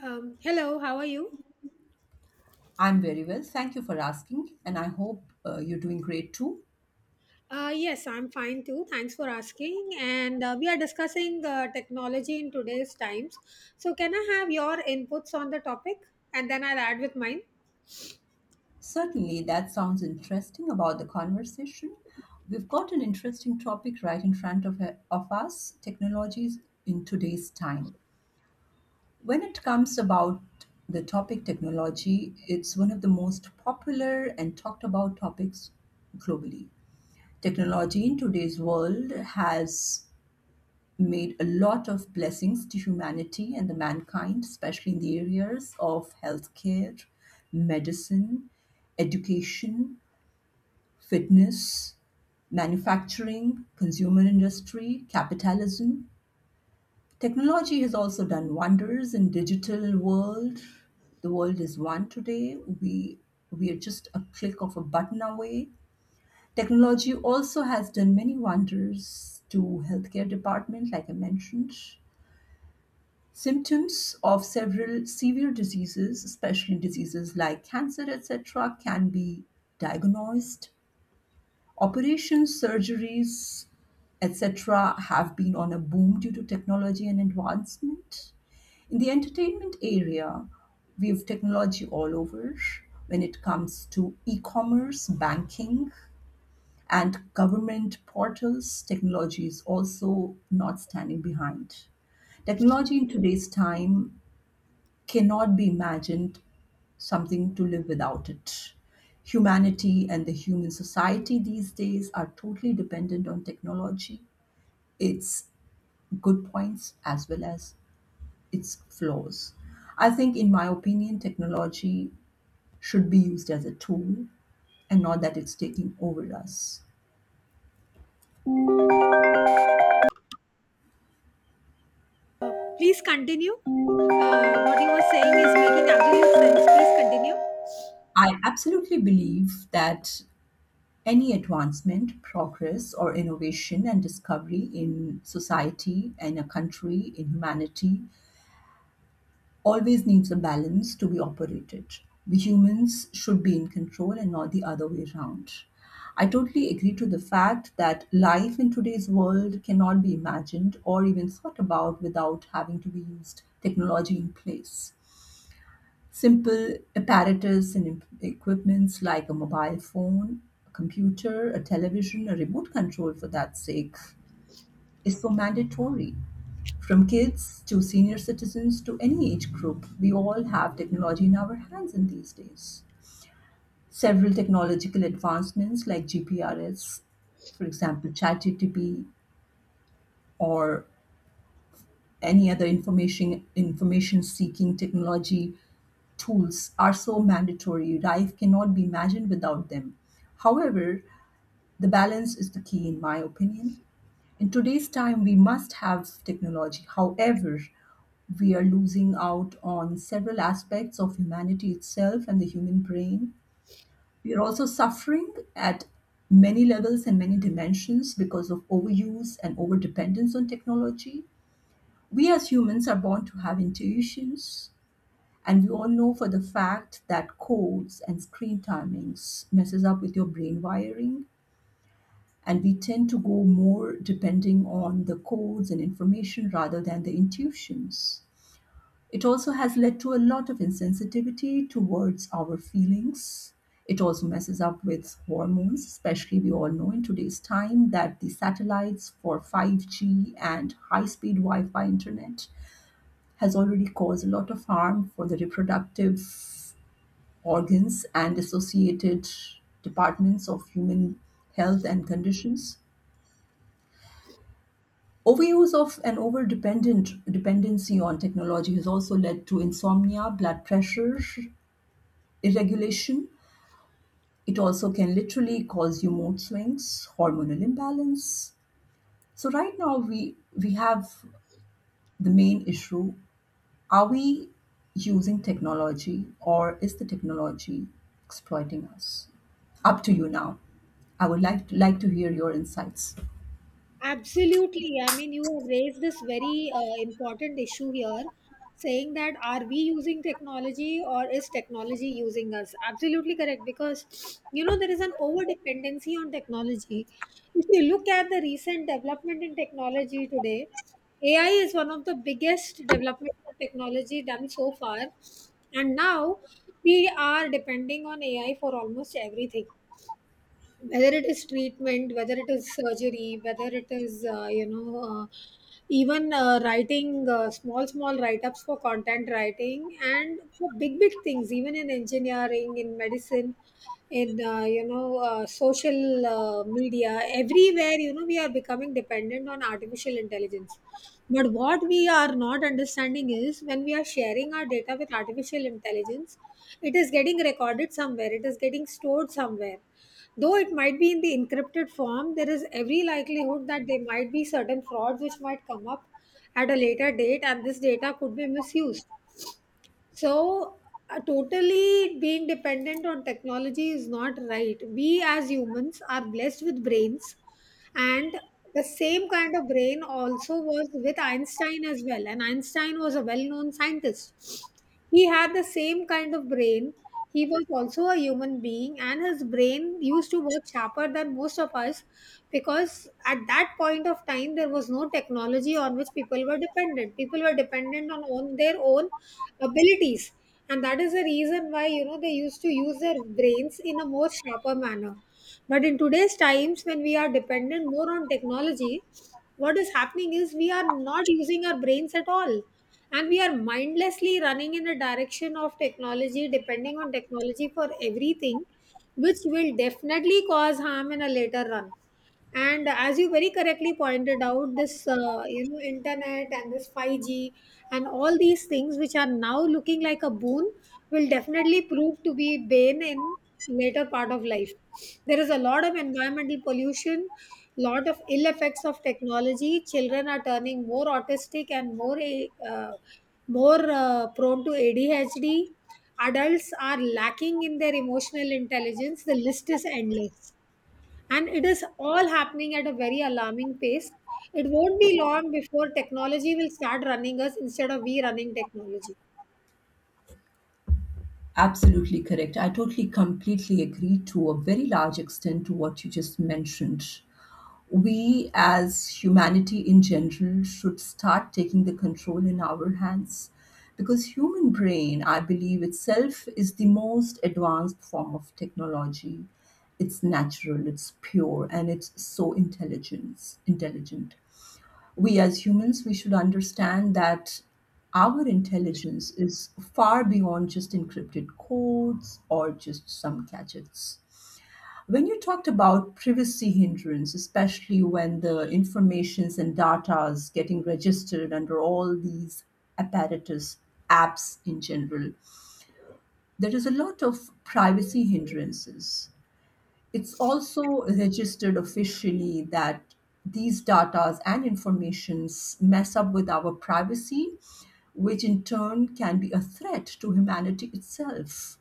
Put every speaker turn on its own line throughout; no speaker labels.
Hello, how are you?
I'm very well. Thank you for asking, and I hope you're doing great too.
Yes, I'm fine too. Thanks for asking. And we are discussing technology in today's times. So, can I have your inputs on the topic and then I'll add with mine?
Certainly, that sounds interesting about the conversation. We've got an interesting topic right in front of us. Technologies in today's time. When it comes about the topic technology, it's one of the most popular and talked about topics globally. Technology in today's world has made a lot of blessings to humanity and the mankind, especially in the areas of healthcare, medicine, education, fitness, manufacturing, consumer industry, capitalism. Technology has also done wonders in digital world. The world is one today. We are just a click of a button away. Technology also has done many wonders to healthcare department, like I mentioned. Symptoms of several severe diseases, especially diseases like cancer, etc., can be diagnosed. Operations, surgeries, etc., have been on a boom due to technology and advancement. In the entertainment area, we have technology all over when it comes to e commerce, banking, and government portals. Technology is also not standing behind. Technology in today's time cannot be imagined something to live without it. Humanity and the human society these days are totally dependent on technology, its good points as well as its flaws. I think, in my opinion, technology should be used as a tool and not that it's taking over us.
Uh, Please continue. What you were saying is making absolute sense. Please continue.
I absolutely believe that any advancement, progress, or innovation and discovery in society, in a country, in humanity always needs a balance to be operated. We humans should be in control and not the other way around. I totally agree to the fact that life in today's world cannot be imagined or even thought about without having to be used technology in place. Simple apparatus and equipments like a mobile phone, a computer, a television, a remote control for that sake is so mandatory. From kids to senior citizens to any age group, we all have technology in our hands in these days. Several technological advancements like GPRS, for example, ChatGPT, or any other information seeking technology tools are so mandatory. Life cannot be imagined without them. However, the balance is the key in my opinion. In today's time we must have technology, however we are losing out on several aspects of humanity itself and the human brain. We are also suffering at many levels and many dimensions because of overuse and overdependence on technology. We as humans are born to have intuitions, and we all know for the fact that codes and screen timings messes up with your brain wiring, and we tend to go more depending on the codes and information rather than the intuitions. It also has led to a lot of insensitivity towards our feelings. It also messes up with hormones, especially we all know in today's time that the satellites for 5G and high speed Wi Fi internet has already caused a lot of harm for the reproductive organs and associated departments of human health and conditions. Overuse of and over dependency on technology has also led to insomnia, blood pressure irregulation. It also can literally cause you mood swings, hormonal imbalance. So right now we have the main issue. Are we using technology or is the technology exploiting us? Up to you now. I would like to hear your insights.
Absolutely. I mean, you have raised this very important issue here, saying that are we using technology or is technology using us? Absolutely correct. Because, you know, there is an over dependency on technology. If you look at the recent development in technology today, AI is one of the biggest development of technology done so far. And now we are depending on AI for almost everything, whether it is treatment, whether it is surgery, whether it is even writing small write-ups for content writing and for big big things, even in engineering, in medicine, in social media. Everywhere, you know, we are becoming dependent on artificial intelligence. But what we are not understanding is, when we are sharing our data with artificial intelligence, it is getting recorded somewhere, it is getting stored somewhere. Though it might be in the encrypted form, there is every likelihood that there might be certain frauds which might come up at a later date, and this data could be misused. So, totally being dependent on technology is not right. We as humans are blessed with brains, and the same kind of brain also was with Einstein as well. And Einstein was a well known scientist. He had the same kind of brain. He was also a human being, and his brain used to work sharper than most of us, because at that point of time there was no technology on which people were dependent. People were dependent on their own abilities, and that is the reason why, you know, they used to use their brains in a more sharper manner. But in today's times, when we are dependent more on technology, what is happening is we are not using our brains at all, and we are mindlessly running in the direction of technology, depending on technology for everything, which will definitely cause harm in a later run. And as you very correctly pointed out, this you know, internet and this 5G and all these things which are now looking like a boon will definitely prove to be bane in later part of life. There is a lot of environmental pollution, lot of ill effects of technology. Children are turning more autistic and more prone to ADHD. Adults are lacking in their emotional intelligence. The list is endless, and it is all happening at a very alarming pace. It won't be long before technology will start running us instead of we running technology.
Absolutely correct. I totally completely agree to a very large extent to what you just mentioned. We as humanity in general should start taking the control in our hands, because human brain, I believe itself is the most advanced form of technology. It's natural, it's pure and it's so intelligent. We as humans we should understand that our intelligence is far beyond just encrypted codes or just some gadgets. When you talked about privacy hindrance, especially when the informations and data is getting registered under all these apparatus apps in general, there is a lot of privacy hindrances. It's also registered officially that these datas and informations mess up with our privacy, which in turn can be a threat to humanity itself.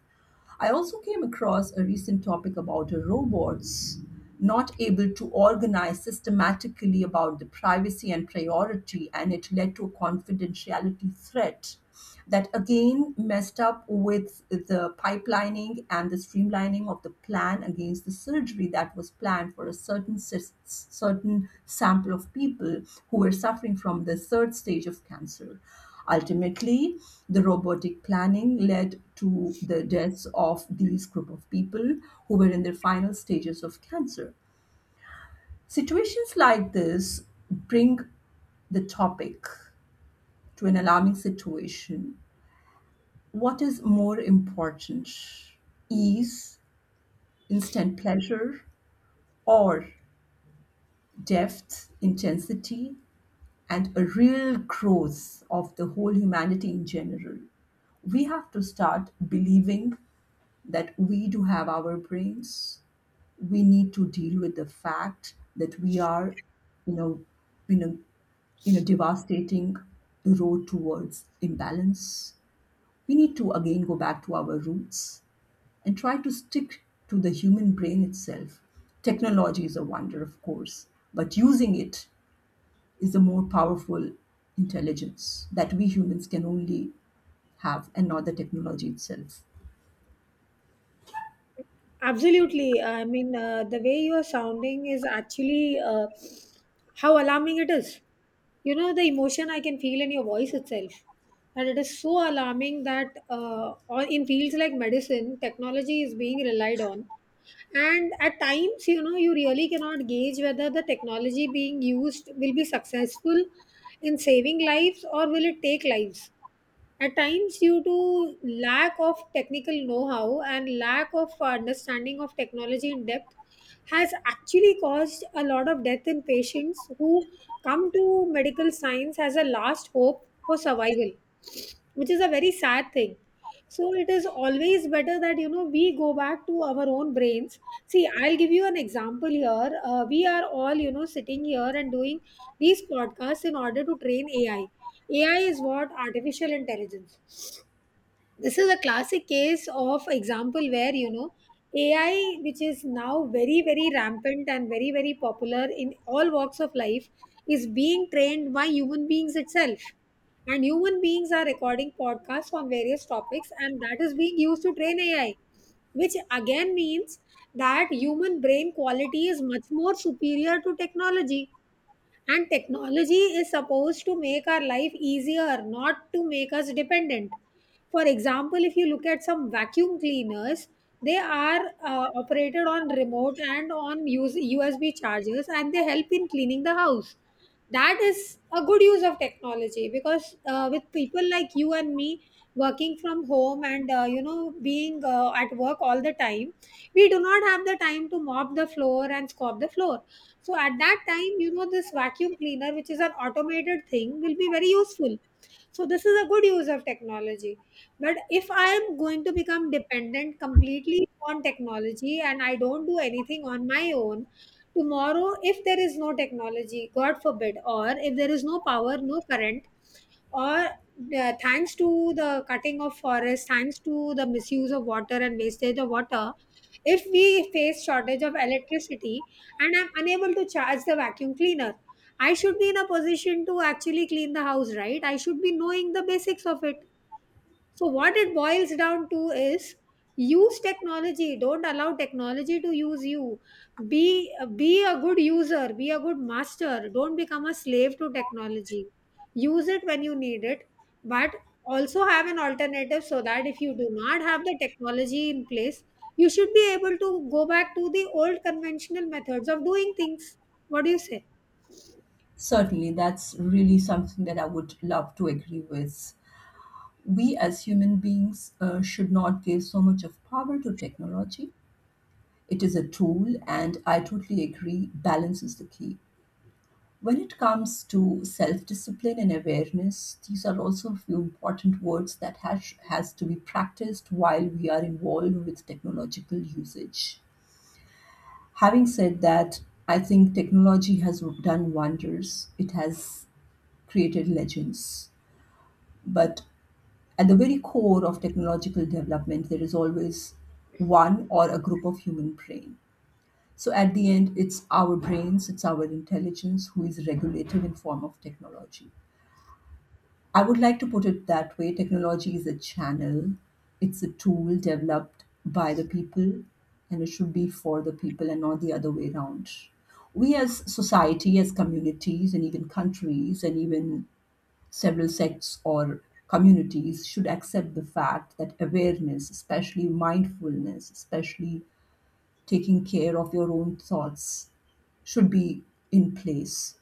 I also came across a recent topic about robots not able to organize systematically about the privacy and priority, and it led to a confidentiality threat that again messed up with the pipelining and the streamlining of the plan against the surgery that was planned for a certain certain sample of people who were suffering from the third stage of cancer. Ultimately, the robotic planning led to the deaths of these group of people who were in their final stages of cancer. Situations like this bring the topic to an alarming situation. What is more important? Ease, instant pleasure, or depth, intensity, and a real growth of the whole humanity in general? We have to start believing that we do have our brains. We need to deal with the fact that we are, you know, in a, in a devastating road towards imbalance. We need to again go back to our roots and try to stick to the human brain itself. Technology is a wonder, of course, but using it is a more powerful intelligence that we humans can only have and not the technology itself.
Absolutely. I mean, the way you are sounding is actually how alarming it is. You know, the emotion I can feel in your voice itself. And it is so alarming that on- in fields like medicine, technology is being relied on. And at times, you know, you really cannot gauge whether the technology being used will be successful in saving lives or will it take lives at times due to lack of technical know-how and lack of understanding of technology in depth has actually caused a lot of death in patients who come to medical science as a last hope for survival which is a very sad thing so it is always better that you know we go back to our own brains. See, I'll give you an example here. We are all you know sitting here and doing these podcasts in order to train AI. AI is what artificial intelligence this is a classic case of example where you know ai which is now very very rampant and very very popular in all walks of life is being trained by human beings itself and human beings are recording podcasts on various topics and that is being used to train AI which again means that human brain quality is much more superior to technology and technology is supposed to make our life easier, not to make us dependent. For example, if you look at some vacuum cleaners, they are operated on remote and on use USB chargers and they help in cleaning the house. That is a good use of technology because with people like you and me working from home and you know being at work all the time, we do not have the time to mop the floor and scrub the floor so at that time you know this vacuum cleaner which is an automated thing will be very useful so this is a good use of technology but if I am going to become dependent completely on technology and I don't do anything on my own tomorrow if there is no technology god forbid or if there is no power no current or thanks to the cutting of forests thanks to the misuse of water and wastage of water if we face shortage of electricity and I'm unable to charge the vacuum cleaner I should be in a position to actually clean the house, right? I should be knowing the basics of it. So, what it boils down to is use technology. Don't allow technology to use you. Be a good user, be a good master. Don't become a slave to technology. Use it when you need it, but also have an alternative so that if you do not have the technology in place, you should be able to go back to the old conventional methods of doing things. What do you say?
Certainly, that's really something that I would love to agree with. We as human beings should not give so much of power to technology. It is a tool, and I totally agree, balance is the key. When it comes to self discipline and awareness, these are also a few important words that has to be practiced while we are involved with technological usage. Having said that, I think technology has done wonders, it has created legends. But at the very core of technological development, there is always one or a group of human brain. So at the end, it's our brains, it's our intelligence who is regulated in form of technology. I would like to put it that way. Technology is a channel. It's a tool developed by the people and it should be for the people and not the other way around. We as society, as communities and even countries and even several sects or communities should accept the fact that awareness, especially mindfulness, especially taking care of your own thoughts, should be in place.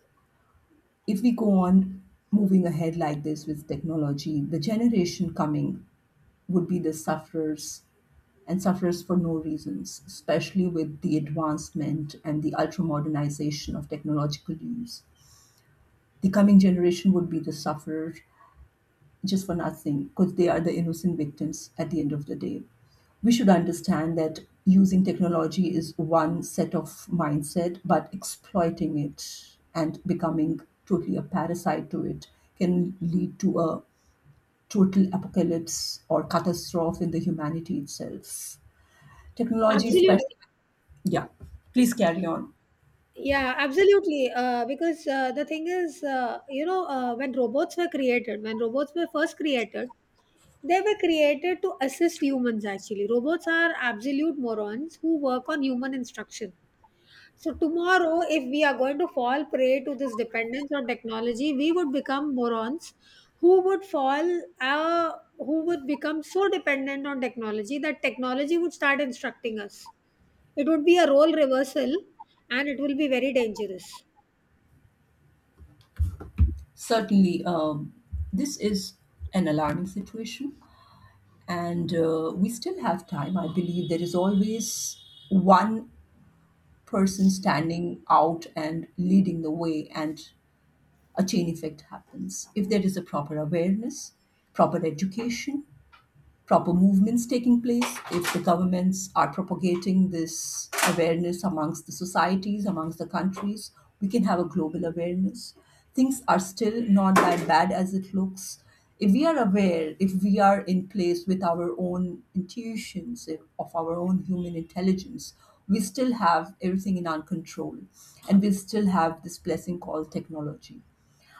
If we go on moving ahead like this with technology, the generation coming would be the sufferers, and sufferers for no reasons, especially with the advancement and the ultra modernization of technological use. The coming generation would be the sufferer just for nothing because they are the innocent victims at the end of the day. We should understand that using technology is one set of mindset, but exploiting it and becoming totally a parasite to it can lead to a total apocalypse or catastrophe in the humanity itself. Technology,
Absolutely.
especially, yeah, please carry on.
Yeah, absolutely. Because the thing is, when robots were first created, they were created to assist humans actually. Robots are absolute morons who work on human instruction. So, tomorrow, if we are going to fall prey to this dependence on technology, we would become morons who would who would become so dependent on technology that technology would start instructing us. It would be a role reversal and it will be very dangerous.
Certainly, this is an alarming situation, and we still have time. I believe there is always one person standing out and leading the way, and a chain effect happens if there is a proper awareness, proper education, proper movements taking place. If the governments are propagating this awareness amongst the societies, amongst the countries, we can have a global awareness. Things are still not that bad as it looks. If we are aware, if we are in place with our own intuitions, of our own human intelligence, we still have everything in our control and we still have this blessing called technology.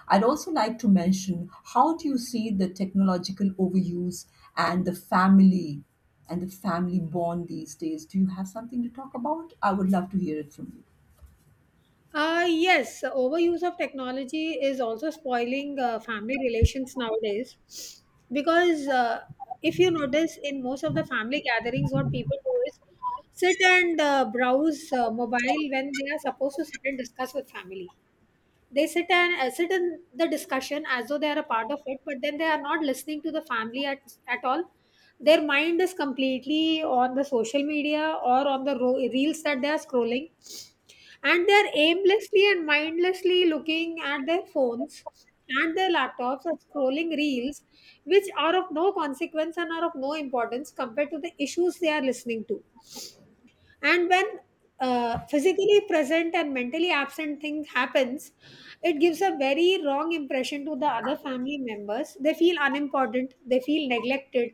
I'd also like to mention, how do you see the technological overuse and the family and the family bond these days? Do you have something to talk about? I would love to hear it from you.
Yes, overuse of technology is also spoiling family relations nowadays, because if you notice in most of the family gatherings, what people do is sit and browse mobile when they are supposed to sit and discuss with family. They sit and sit in the discussion as though they are a part of it, but then they are not listening to the family at all. Their mind is completely on the social media or on the reels that they are scrolling, and they are aimlessly and mindlessly looking at their phones and their laptops and scrolling reels which are of no consequence and are of no importance compared to the issues they are listening to. And when physically present and mentally absent thing happens, it gives a very wrong impression to the other family members. They feel unimportant, they feel neglected,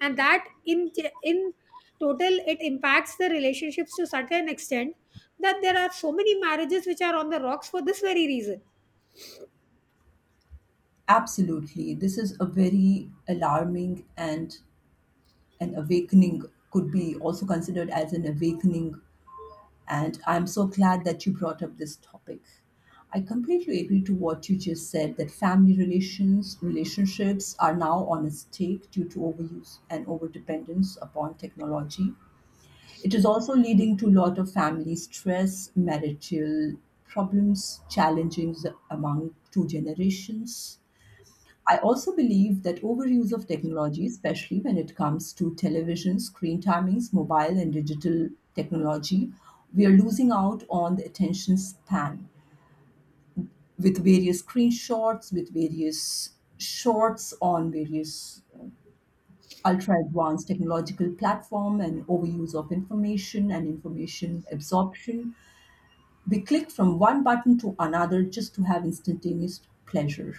and that in total it impacts the relationships to such an extent that there are so many marriages which are on the rocks for this very reason.
Absolutely. This is a very alarming and an awakening, could be also considered as an awakening. And I'm so glad that you brought up this topic. I completely agree to what you just said that family relations, relationships are now on a stake due to overuse and overdependence upon technology. It is also leading to a lot of family stress, marital problems, challenges among two generations. I also believe that overuse of technology, especially when it comes to television, screen timings, mobile and digital technology, we are losing out on the attention span with various screenshots, with various shorts on various ultra advanced technological platform and overuse of information and information absorption. We click from one button to another just to have instantaneous pleasure.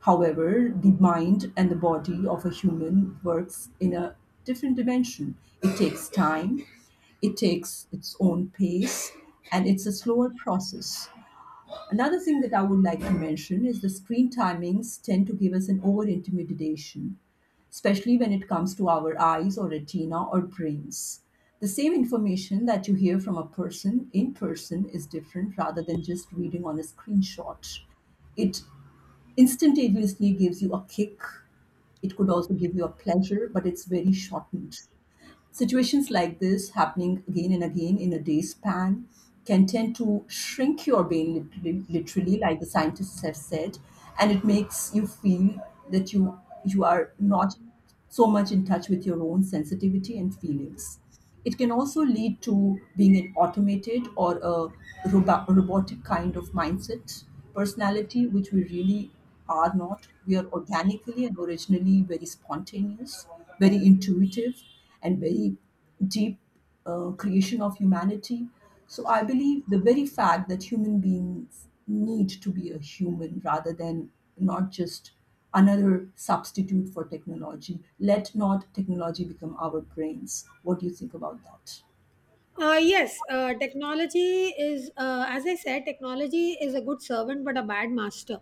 However, the mind and the body of a human works in a different dimension. It takes time, it takes its own pace, and it's a slower process. Another thing that I would like to mention is the screen timings tend to give us an over intimidation, especially when it comes to our eyes or retina or brains. The same information that you hear from a person in person is different rather than just reading on a screenshot. It instantaneously gives you a kick. It could also give you a pleasure, but it's very shortened. Situations like this, happening again and again in a day span, can tend to shrink your brain literally, literally, like the scientists have said, and it makes you feel that you are not so much in touch with your own sensitivity and feelings. It can also lead to being an automated or a robotic kind of mindset, personality, which we really are not. We are organically and originally very spontaneous, very intuitive, and very deep creation of humanity. So I believe the very fact that human beings need to be a human rather than not just another substitute for technology. Let not technology become our brains. What do you think about that?
Yes Technology is, as I said, technology is a good servant but a bad master,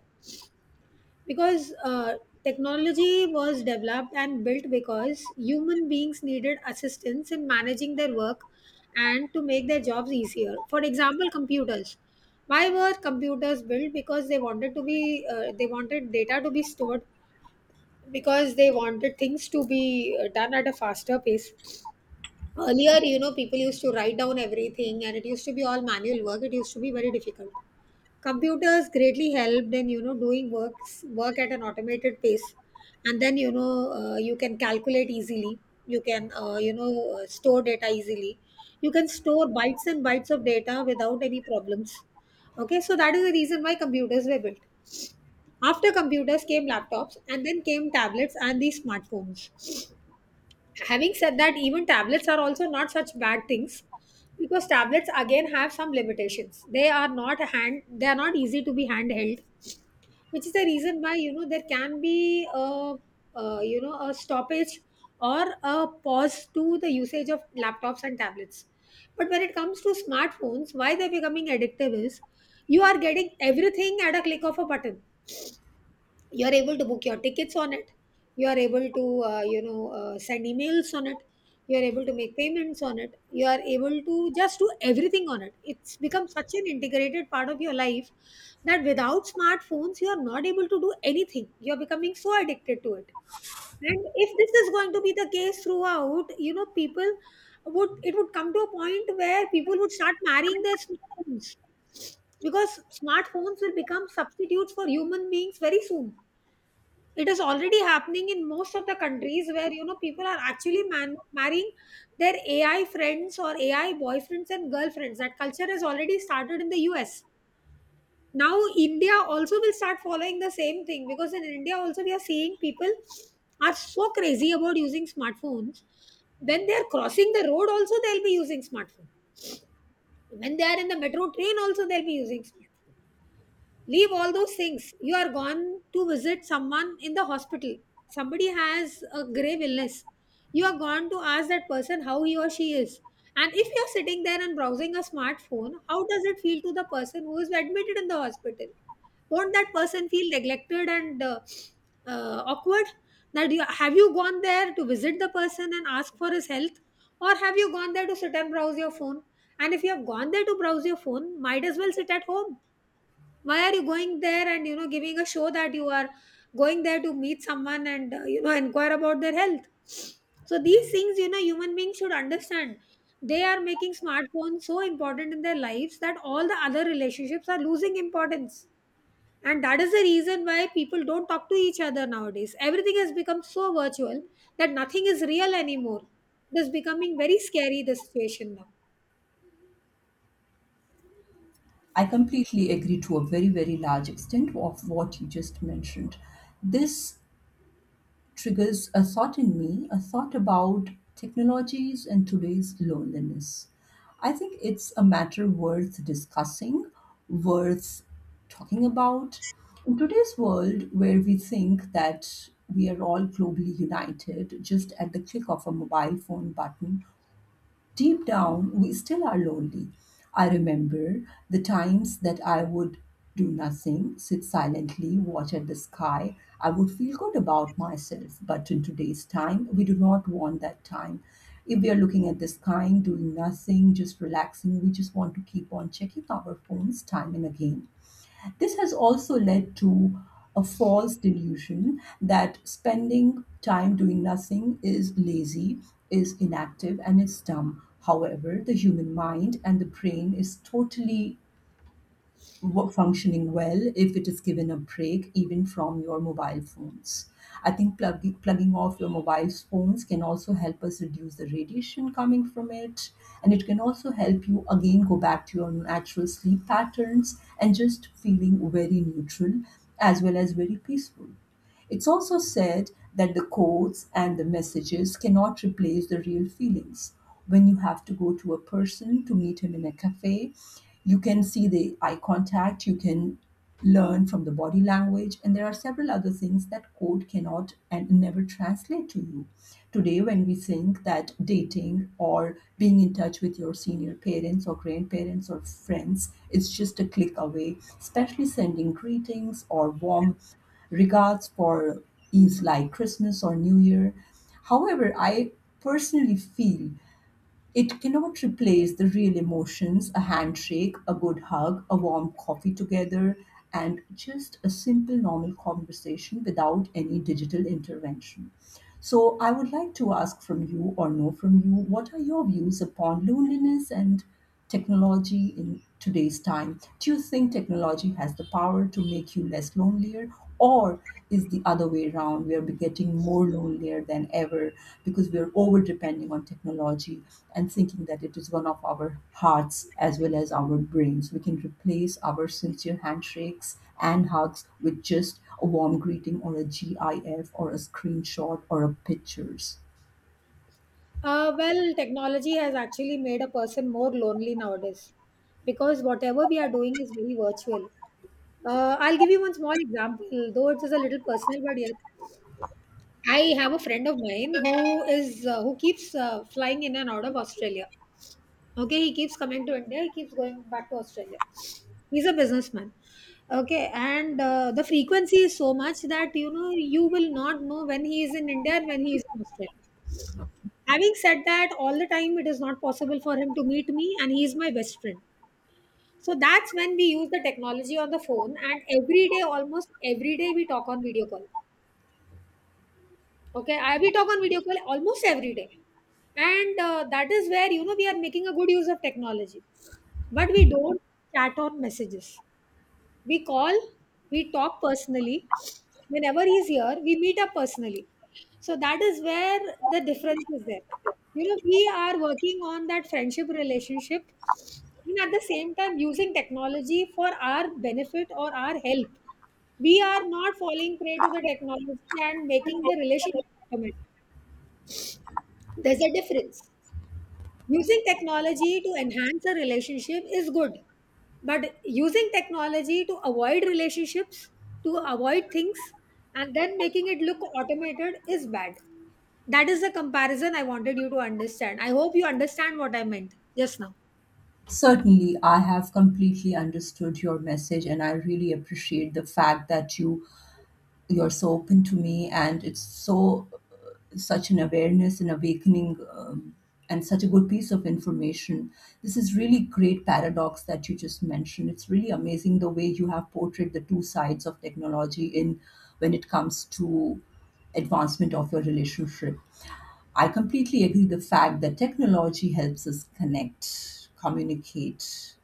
because technology was developed and built because human beings needed assistance in managing their work and to make their jobs easier. For example, computers. Why were computers built? Because they wanted to be they wanted data to be stored, because they wanted things to be done at a faster pace. Earlier, you know, people used to write down everything, and it used to be all manual work, it used to be very difficult. Computers greatly helped in, you know, doing work at an automated pace. And then, you know, you can calculate easily, you can, store data easily, you can store bytes and bytes of data without any problems. Okay, so that is the reason why computers were built. After computers came laptops, and then came tablets and these smartphones. Having said that, even tablets are also not such bad things, because tablets again have some limitations. They are not hand they are not easy to be handheld, which is the reason why, you know, there can be a, you know a stoppage or a pause to the usage of laptops and tablets. But when it comes to smartphones, why they're becoming addictive is you are getting everything at a click of a button. You're able to book your tickets on it, you are able to send emails on it, you are able to make payments on it, you are able to just do everything on it. It's become such an integrated part of your life that without smartphones you are not able to do anything. You're becoming so addicted to it. And if this is going to be the case throughout, you know, people would, it would come to a point where people would start marrying their smartphones, because smartphones will become substitutes for human beings very soon. It is already happening in most of the countries where, you know, people are actually marrying their AI friends or AI boyfriends and girlfriends. That culture has already started in the US. Now India also will start following the same thing, because in India also we are seeing people are so crazy about using smartphones. When they are crossing the road, also they'll be using smartphone. When they are in the metro train, also they'll be using smartphone. Leave all those things. You are gone to visit someone in the hospital, somebody has a grave illness, you are gone to ask that person how he or she is, and if you are sitting there and browsing a smartphone, how does it feel to the person who is admitted in the hospital? Won't that person feel neglected and awkward? That you have, you gone there to visit the person and ask for his health, or have you gone there to sit and browse your phone? And if you have gone there to browse your phone, might as well sit at home. Why are you going there and, you know, giving a show that you are going there to meet someone and, you know, inquire about their health? So these things, you know, human beings should understand. They are making smartphones so important in their lives that all the other relationships are losing importance. And that is the reason why people don't talk to each other nowadays. Everything has become so virtual that nothing is real anymore. It is becoming very scary, the situation now.
I completely agree to a very, very large extent of what you just mentioned. This triggers a thought in me, a thought about technologies and today's loneliness. I think it's a matter worth discussing, worth talking about. In today's world, where we think that we are all globally united just at the click of a mobile phone button, deep down, we still are lonely. I remember the times that I would do nothing, sit silently, watch at the sky. I would feel good about myself. But in today's time, we do not want that time. If we are looking at the sky, doing nothing, just relaxing, we just want to keep on checking our phones time and again. This has also led to a false delusion that spending time doing nothing is lazy, is inactive, and is dumb. However, the human mind and the brain is totally functioning well if it is given a break even from your mobile phones. I think plugging off your mobile phones can also help us reduce the radiation coming from it. And it can also help you again go back to your natural sleep patterns and just feeling very neutral as well as very peaceful. It's also said that the codes and the messages cannot replace the real feelings. When you have to go to a person to meet him in a cafe, you can see the eye contact, you can learn from the body language, and there are several other things that code cannot and never translate to you. Today, when we think that dating or being in touch with your senior parents or grandparents or friends is just a click away, especially sending greetings or warm regards for is like Christmas or New Year. However, I personally feel it cannot replace the real emotions, a handshake, a good hug, a warm coffee together, and just a simple normal conversation without any digital intervention. So, I would like to ask from you or know from you, what are your views upon loneliness and technology in today's time? Do you think technology has the power to make you less lonelier, or is the other way around? We are getting more lonelier than ever because we are over depending on technology and thinking that it is one of our hearts as well as our brains. We can replace our sincere handshakes and hugs with just a warm greeting or a GIF or a screenshot or a pictures.
Well, technology has actually made a person more lonely nowadays, because whatever we are doing is very virtual. I'll give you one small example, though it is a little personal, but yes, I have a friend of mine who is who keeps flying in and out of Australia. Okay, he keeps coming to India. He keeps going back to Australia. He's a businessman. Okay, and the frequency is so much that, you know, you will not know when he is in India and when he is in Australia. Having said that, all the time it is not possible for him to meet me, and he is my best friend. So that's when we use the technology on the phone, and every day, almost every day, we talk on video call. Okay, I we talk on video call almost every day. And that is where, you know, we are making a good use of technology, but we don't chat on messages. We call, we talk personally. Whenever he's here, we meet up personally. So that is where the difference is there. You know, we are working on that friendship relationship, and at the same time using technology for our benefit or our help. We are not falling prey to the technology and making the relationship automatic. There's a difference. Using technology to enhance a relationship is good, but using technology to avoid relationships, to avoid things, and then making it look automated is bad. That is the comparison I wanted you to understand. I hope you understand what I meant just now.
Certainly, I have completely understood your message and I really appreciate the fact that you're so open to me and it's so such an awareness and awakening, and such a good piece of information. This is really great paradox that you just mentioned. It's really amazing the way you have portrayed the two sides of technology in when it comes to advancement of your relationship. I completely agree the fact that technology helps us connect, communicate.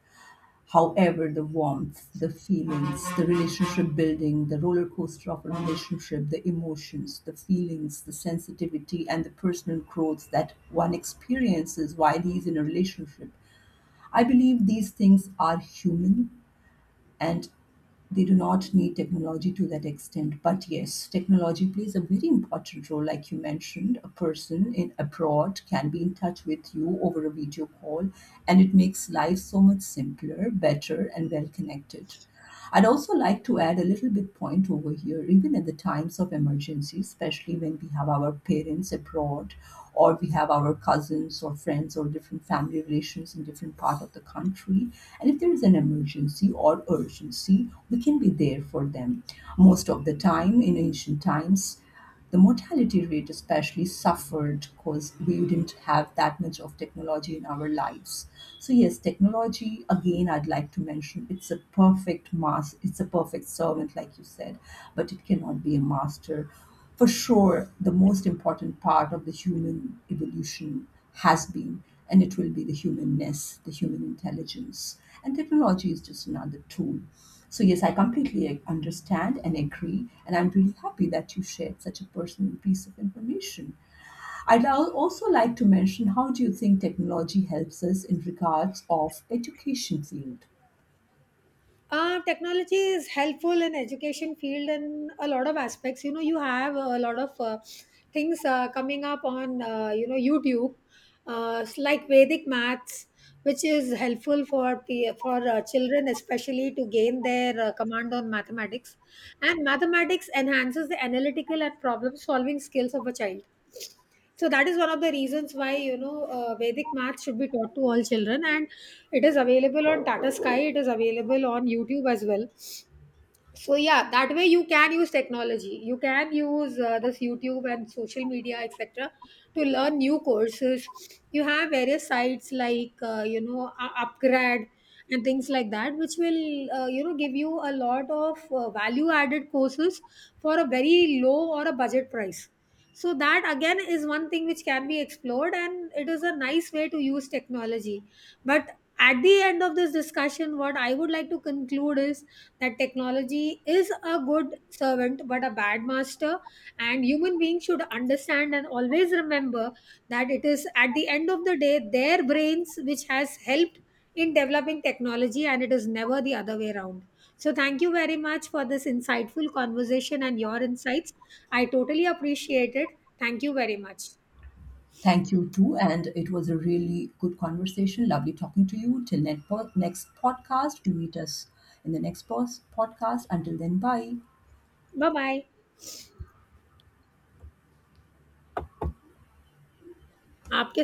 However, the warmth, the feelings, the relationship building, the roller coaster of a relationship, the emotions, the feelings, the sensitivity, and the personal growth that one experiences while he's in a relationship. I believe these things are human and they do not need technology to that extent. But yes, technology plays a very important role. Like you mentioned, a person in abroad can be in touch with you over a video call, and it makes life so much simpler, better, and well connected. I'd also like to add a little bit point over here, even at the times of emergency, especially when we have our parents abroad or we have our cousins or friends or different family relations in different part of the country. And if there is an emergency or urgency, we can be there for them. Most of the time, in ancient times, the mortality rate especially suffered because we didn't have that much of technology in our lives. So yes, technology, again, I'd like to mention, it's a perfect mass, it's a perfect servant like you said, but it cannot be a master. For sure, the most important part of the human evolution has been, and it will be, the humanness, the human intelligence. And technology is just another tool. So, yes, I completely understand and agree. And I'm really happy that you shared such a personal piece of information. I'd also like to mention, how do you think technology helps us in regards of education field?
Technology is helpful in education field in a lot of aspects. You know, you have a lot of things coming up on, you know, YouTube, like Vedic maths, which is helpful for children, especially to gain their command on mathematics. And mathematics enhances the analytical and problem solving skills of a child. So that is one of the reasons why, you know, Vedic math should be taught to all children, and it is available on Tata Sky. It is available on YouTube as well. So yeah, that way you can use technology. You can use, this YouTube and social media, etc., to learn new courses. You have various sites like, you know, upgrad and things like that, which will, you know, give you a lot of value added courses for a very low or a budget price. So that again is one thing which can be explored, and it is a nice way to use technology. But at the end of this discussion, what I would like to conclude is that technology is a good servant but a bad master, and human beings should understand and always remember that it is at the end of the day their brains which has helped in developing technology, and it is never the other way around. So thank you very much for this insightful conversation and your insights. I totally appreciate it. Thank you very much.
Thank you too. And it was a really good conversation. Lovely talking to you. Till next podcast, we meet us in the podcast. Until then, bye.
Bye bye. आपके